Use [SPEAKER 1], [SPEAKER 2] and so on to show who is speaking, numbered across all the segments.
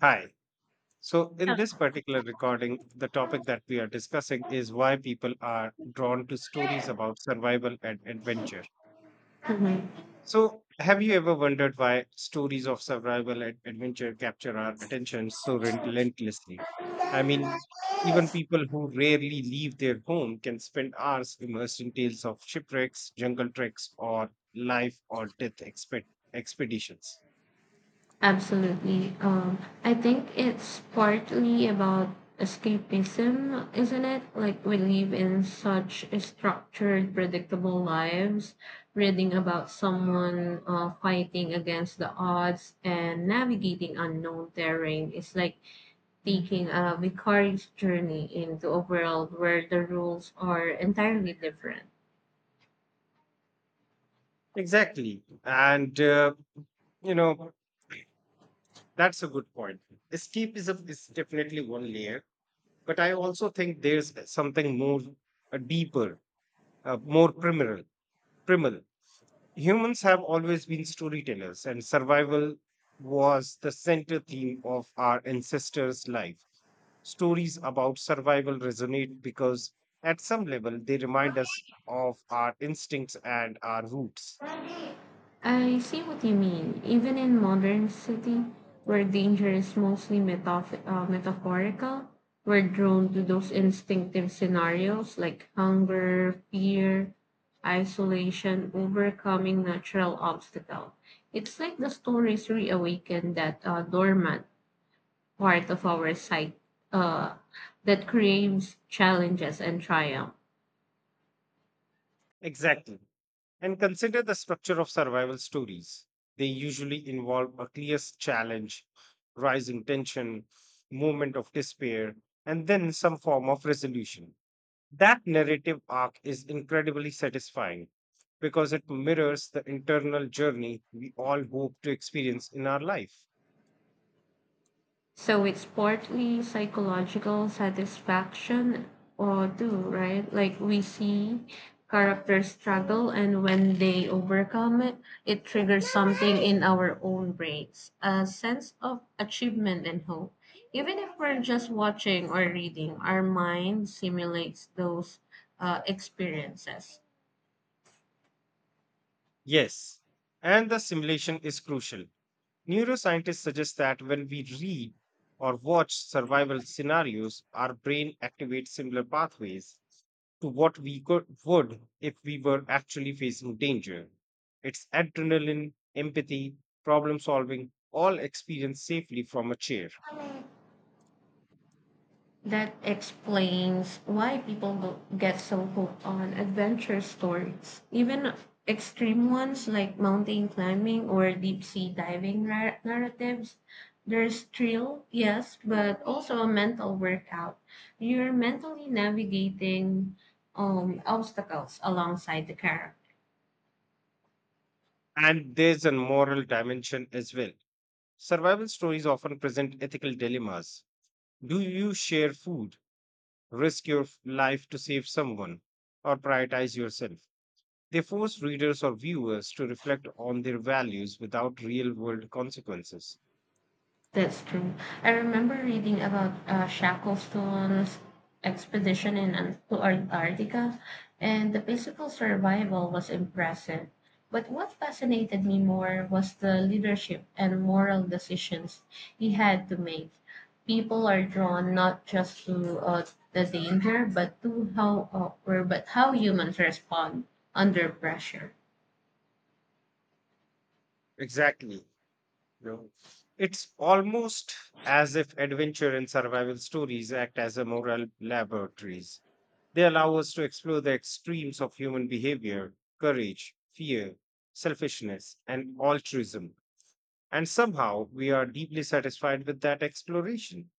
[SPEAKER 1] Hi. So, in this particular recording, the topic that we are discussing is why people are drawn to stories about survival and adventure.
[SPEAKER 2] Mhm.
[SPEAKER 1] So, have you ever wondered why stories of survival and adventure capture our attention so relentlessly? I mean, even people who rarely leave their home can spend hours immersed in tales of shipwrecks, jungle treks, or life or death expeditions.
[SPEAKER 2] Absolutely. I think it's partly about escapism, isn't it? Like we live in such a structured, predictable lives, reading about someone fighting against the odds and navigating unknown terrain is like taking a vicarious journey into a world where the rules are entirely different.
[SPEAKER 1] Exactly. You know, That's a good point. Escapism is definitely one layer, but I also think there's something more deeper, more primal. Primal. Humans have always been storytellers, and survival was the center theme of our ancestors' life. Stories about survival resonate because, at some level, they remind us of our instincts and our roots.
[SPEAKER 2] I see what you mean. Even in modern city, where danger is mostly metaphorical, we're drawn to those instinctive scenarios like hunger, fear, isolation, overcoming natural obstacle. It's like the stories reawaken that dormant part of our psyche uh, that craves challenges and triumph.
[SPEAKER 1] Exactly. And consider the structure of survival stories. They usually involve a clear challenge, rising tension, moment of despair, and then some form of resolution. That narrative arc is incredibly satisfying because it mirrors the internal journey we all hope to experience in our life.
[SPEAKER 2] So it's partly psychological satisfaction or do, right? Like we see characters struggle and when they overcome it, it triggers something in our own brains, a sense of achievement and hope. Even if we're just watching or reading, our mind simulates those experiences.
[SPEAKER 1] Yes, and the simulation is crucial. Neuroscientists suggest that when we read or watch survival scenarios, our brain activates similar pathways to what would if we were actually facing danger. It's adrenaline, empathy, problem solving, all experienced safely from a chair.
[SPEAKER 2] That explains why get so hooked on adventure stories, even extreme ones like mountain climbing or deep sea diving narratives. There's thrill, yes, but also a mental workout. You're mentally navigating obstacles alongside the character.
[SPEAKER 1] And there's a moral dimension as well. Survival stories often present ethical dilemmas. Do you share food, risk your life to save someone, or prioritize yourself? They force readers or viewers to reflect on their values without real world consequences.
[SPEAKER 2] That's true. I remember reading about Shackleton's expedition to Antarctica, and the physical survival was impressive. But what fascinated me more was the leadership and moral decisions he had to make. People are drawn not just to the danger, but to how or but how humans respond under pressure.
[SPEAKER 1] Exactly. No. It's almost as if adventure and survival stories act as a moral laboratories. They allow us to explore the extremes of human behavior, courage, fear, selfishness, and altruism. And somehow we are deeply satisfied with that exploration.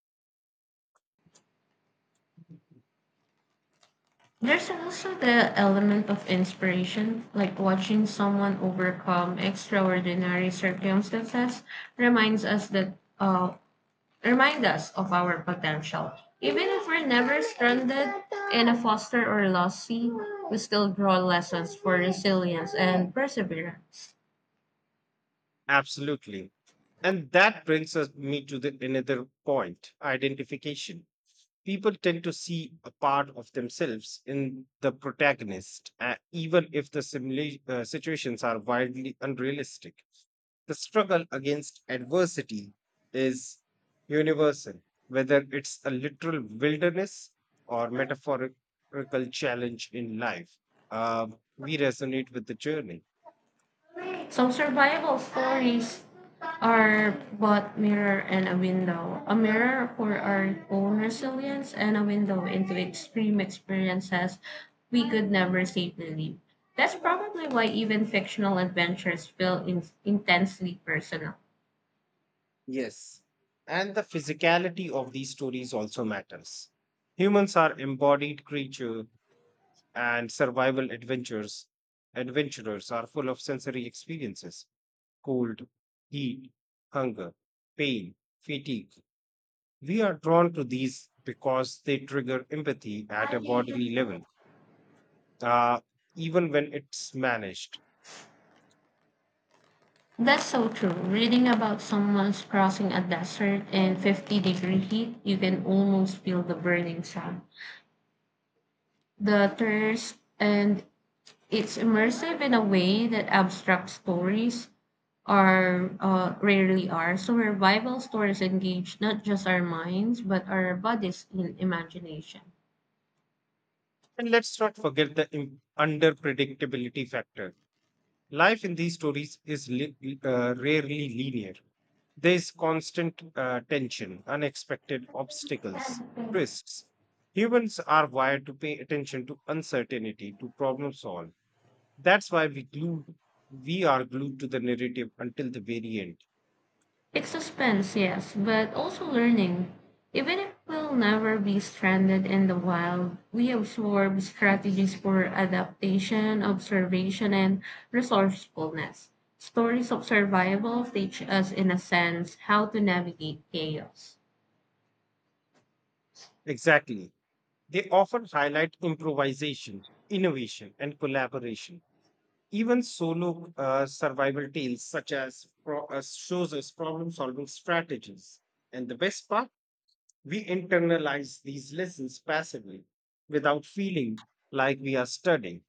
[SPEAKER 2] There's also the element of inspiration, like watching someone overcome extraordinary circumstances reminds us that uh, remind us of our potential. Even if we're never stranded in a foster or lost sea, we still draw lessons for resilience and perseverance.
[SPEAKER 1] Absolutely. And that brings us me to the another point, identification. People tend to see a part of themselves in the protagonist, even if the situations are wildly unrealistic. The struggle against adversity is universal, whether it's a literal wilderness or metaphorical challenge in life. We resonate with the journey.
[SPEAKER 2] Some survival stories are but mirror and a window. A mirror for our own resilience and a window into extreme experiences we could never safely live. That's probably why even fictional adventures feel intensely personal.
[SPEAKER 1] Yes, and the physicality of these stories also matters. Humans are embodied creatures and survival adventures. Adventurers are full of sensory experiences: cold, heat, hunger, pain, fatigue. We are drawn to these because they trigger empathy at a bodily level, uh, even when it's managed.
[SPEAKER 2] That's so true. Reading about someone's crossing a desert in 50-degree heat, you can almost feel the burning sun, the thirst, and it's immersive in a way that abstract stories are rarely are. So revival stories engage not just our minds but our bodies in imagination.
[SPEAKER 1] And let's not forget the under predictability factor. Life in these stories is rarely linear. There is constant tension, unexpected obstacles, twists. Humans are wired to pay attention to uncertainty, to problem solve, that's why we are glued to the narrative until the very end.
[SPEAKER 2] It's suspense, yes, but also learning. Even if we'll never be stranded in the wild, we absorb strategies for adaptation, observation, and resourcefulness. Stories of survival teach us, in a sense, how to navigate chaos.
[SPEAKER 1] Exactly. They often highlight improvisation, innovation, and collaboration. Even solo survival tales such as shows us problem solving strategies. And the best part, we internalize these lessons passively without feeling like we are studying.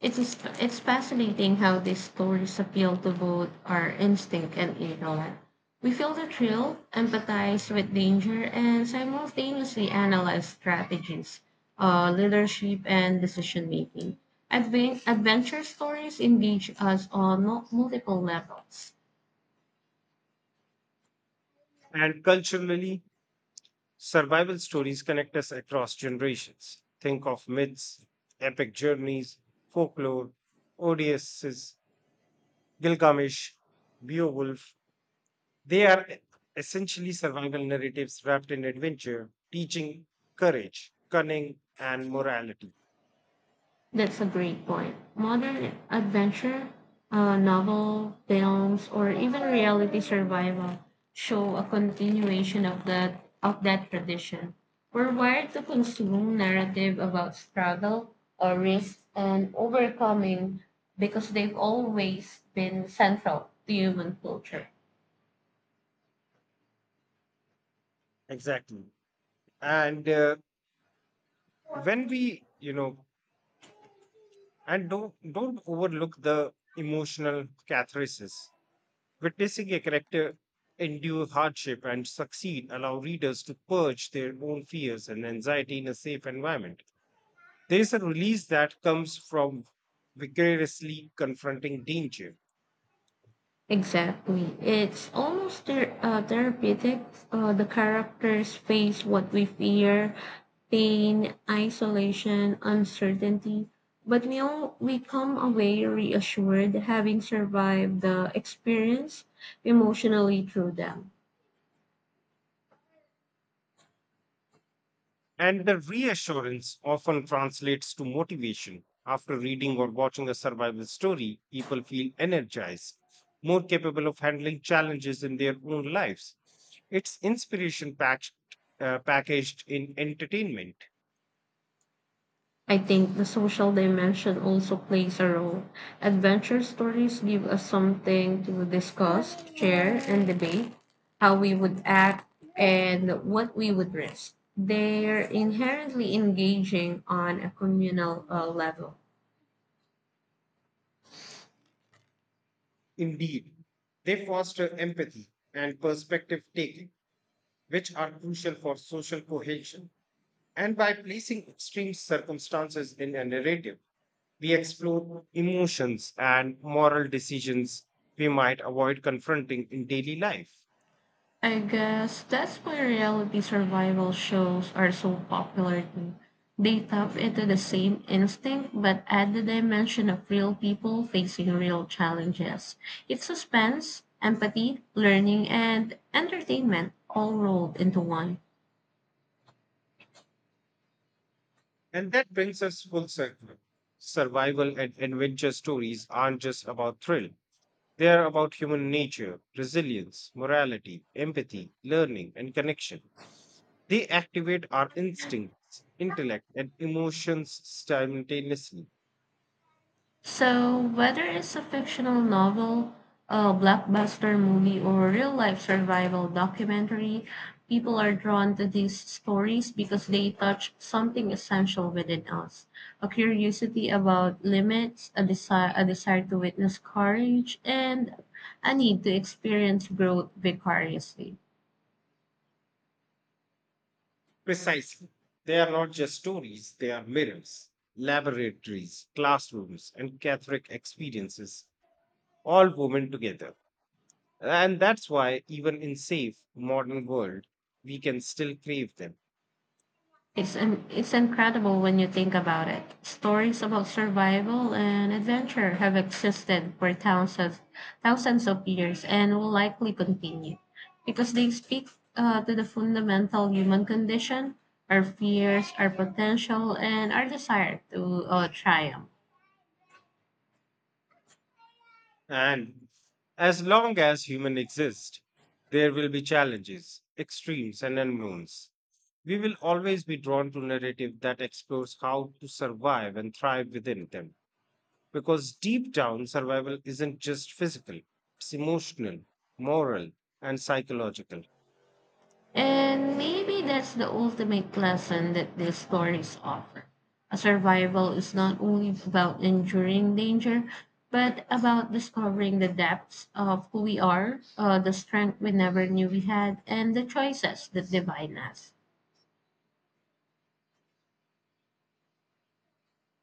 [SPEAKER 2] It's fascinating how these stories appeal to both our instinct and ignorance. We feel the thrill, empathize with danger, and simultaneously analyze strategies, leadership, and decision making. Adventure stories engage us on multiple levels.
[SPEAKER 1] And culturally, survival stories connect us across generations. Think of myths, epic journeys, folklore, Odysseus, Gilgamesh, Beowulf. They are essentially survival narratives wrapped in adventure, teaching courage, cunning, and morality.
[SPEAKER 2] That's a great point. Modern adventure, novel, films, or even reality survival show a continuation of that tradition. We're wired to consume narrative about struggle or risk and overcoming because they've always been central to human culture.
[SPEAKER 1] Exactly. And when we, you know, and don't overlook the emotional catharsis. Witnessing a character endure hardship and succeed allow readers to purge their own fears and anxiety in a safe environment. There is a release that comes from vigorously confronting danger.
[SPEAKER 2] Exactly. It's almost therapeutic. The characters face what we fear pain, isolation, uncertainty. But we come away reassured having survived the experience emotionally through them.
[SPEAKER 1] And the reassurance often translates to motivation. After reading or watching a survival story, people feel energized, more capable of handling challenges in their own lives. It's packaged in entertainment.
[SPEAKER 2] I think the social dimension also plays a role. Adventure stories give us something to discuss, share, and debate how we would act and what we would risk. They're inherently engaging on a communal level.
[SPEAKER 1] Indeed, they foster empathy and perspective taking, which are crucial for social cohesion. And by placing extreme circumstances in a narrative, we explore emotions and moral decisions we might avoid confronting in daily life.
[SPEAKER 2] I guess that's why reality survival shows are so popular too. They tap into the same instinct but add the dimension of real people facing real challenges. It's suspense, empathy, learning, and entertainment all rolled into one.
[SPEAKER 1] And that brings us full circle. Survival and adventure stories aren't just about thrill, they are about human nature, resilience, morality, empathy, learning, and connection. They activate our instincts, intellect, and emotions simultaneously.
[SPEAKER 2] So, whether it's a fictional novel, a blockbuster movie, or a real life survival documentary, people are drawn to these stories because they touch something essential within us a curiosity about limits, a desire to witness courage, and a need to experience growth vicariously.
[SPEAKER 1] Precisely. They are not just stories, they are mirrors, laboratories, classrooms, and Catholic experiences, all woven together. And that's why, even in safe, modern world, we can still crave them.
[SPEAKER 2] It's incredible when you think about it. Stories about survival and adventure have existed for thousands of years and will likely continue because they speak to the fundamental human condition, our fears, our potential, and our desire to triumph.
[SPEAKER 1] And as long as human exist, there will be challenges, extremes, and unknowns. We will always be drawn to narrative that explores how to survive and thrive within them. Because deep down, survival isn't just physical, it's emotional, moral, and psychological.
[SPEAKER 2] And maybe that's the ultimate lesson that these stories offer. A survival is not only about enduring danger, but about discovering the depths of who we are, the strength we never knew we had, and the choices that divide us.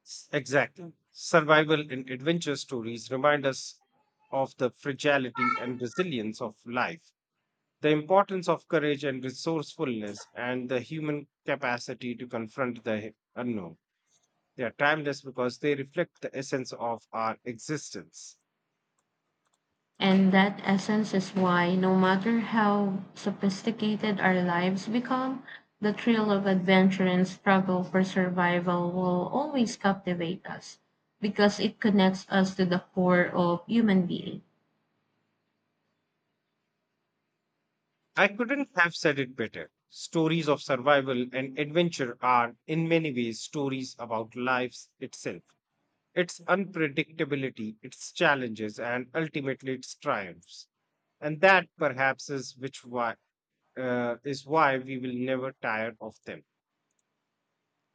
[SPEAKER 1] Exactly. Survival and adventure stories remind us of the fragility and resilience of life, the importance of courage and resourcefulness and the human capacity to confront the unknown. They are timeless because they reflect the essence of our existence.
[SPEAKER 2] And that essence is why, no matter how sophisticated our lives become, the thrill of adventure and struggle for survival will always captivate us because it connects us to the core of human being.
[SPEAKER 1] I couldn't have said it better. Stories of survival and adventure are, in many ways, stories about life itself, its unpredictability, its challenges, and ultimately its triumphs. And that perhaps is why we will never tire of them.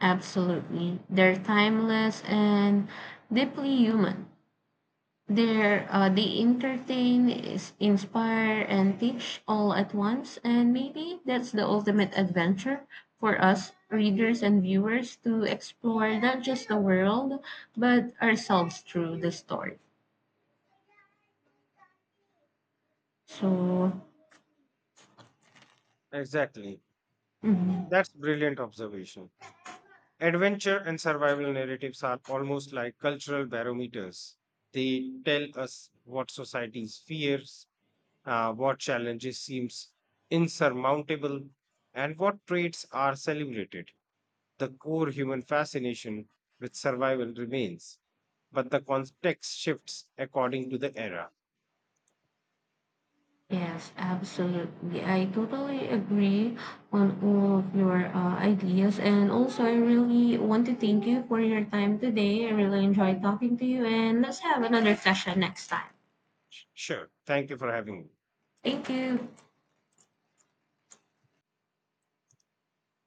[SPEAKER 2] Absolutely. They're timeless and deeply human. They entertain, inspire, and teach all at once, and maybe that's the ultimate adventure for us readers and viewers to explore not just the world but ourselves through the story. So,
[SPEAKER 1] Exactly.
[SPEAKER 2] mhm.
[SPEAKER 1] That's brilliant observation. Adventure and survival narratives are almost like cultural barometers. They tell us what societies fears, what challenges seems insurmountable, and what traits are celebrated. The core human fascination with survival remains, but the context shifts according to the era.
[SPEAKER 2] Yes, absolutely. I totally agree on all of your ideas, and also I really want to thank you for your time today. I really enjoyed talking to you, and let's have another session next time.
[SPEAKER 1] Sure. Thank you for having me.
[SPEAKER 2] Thank you.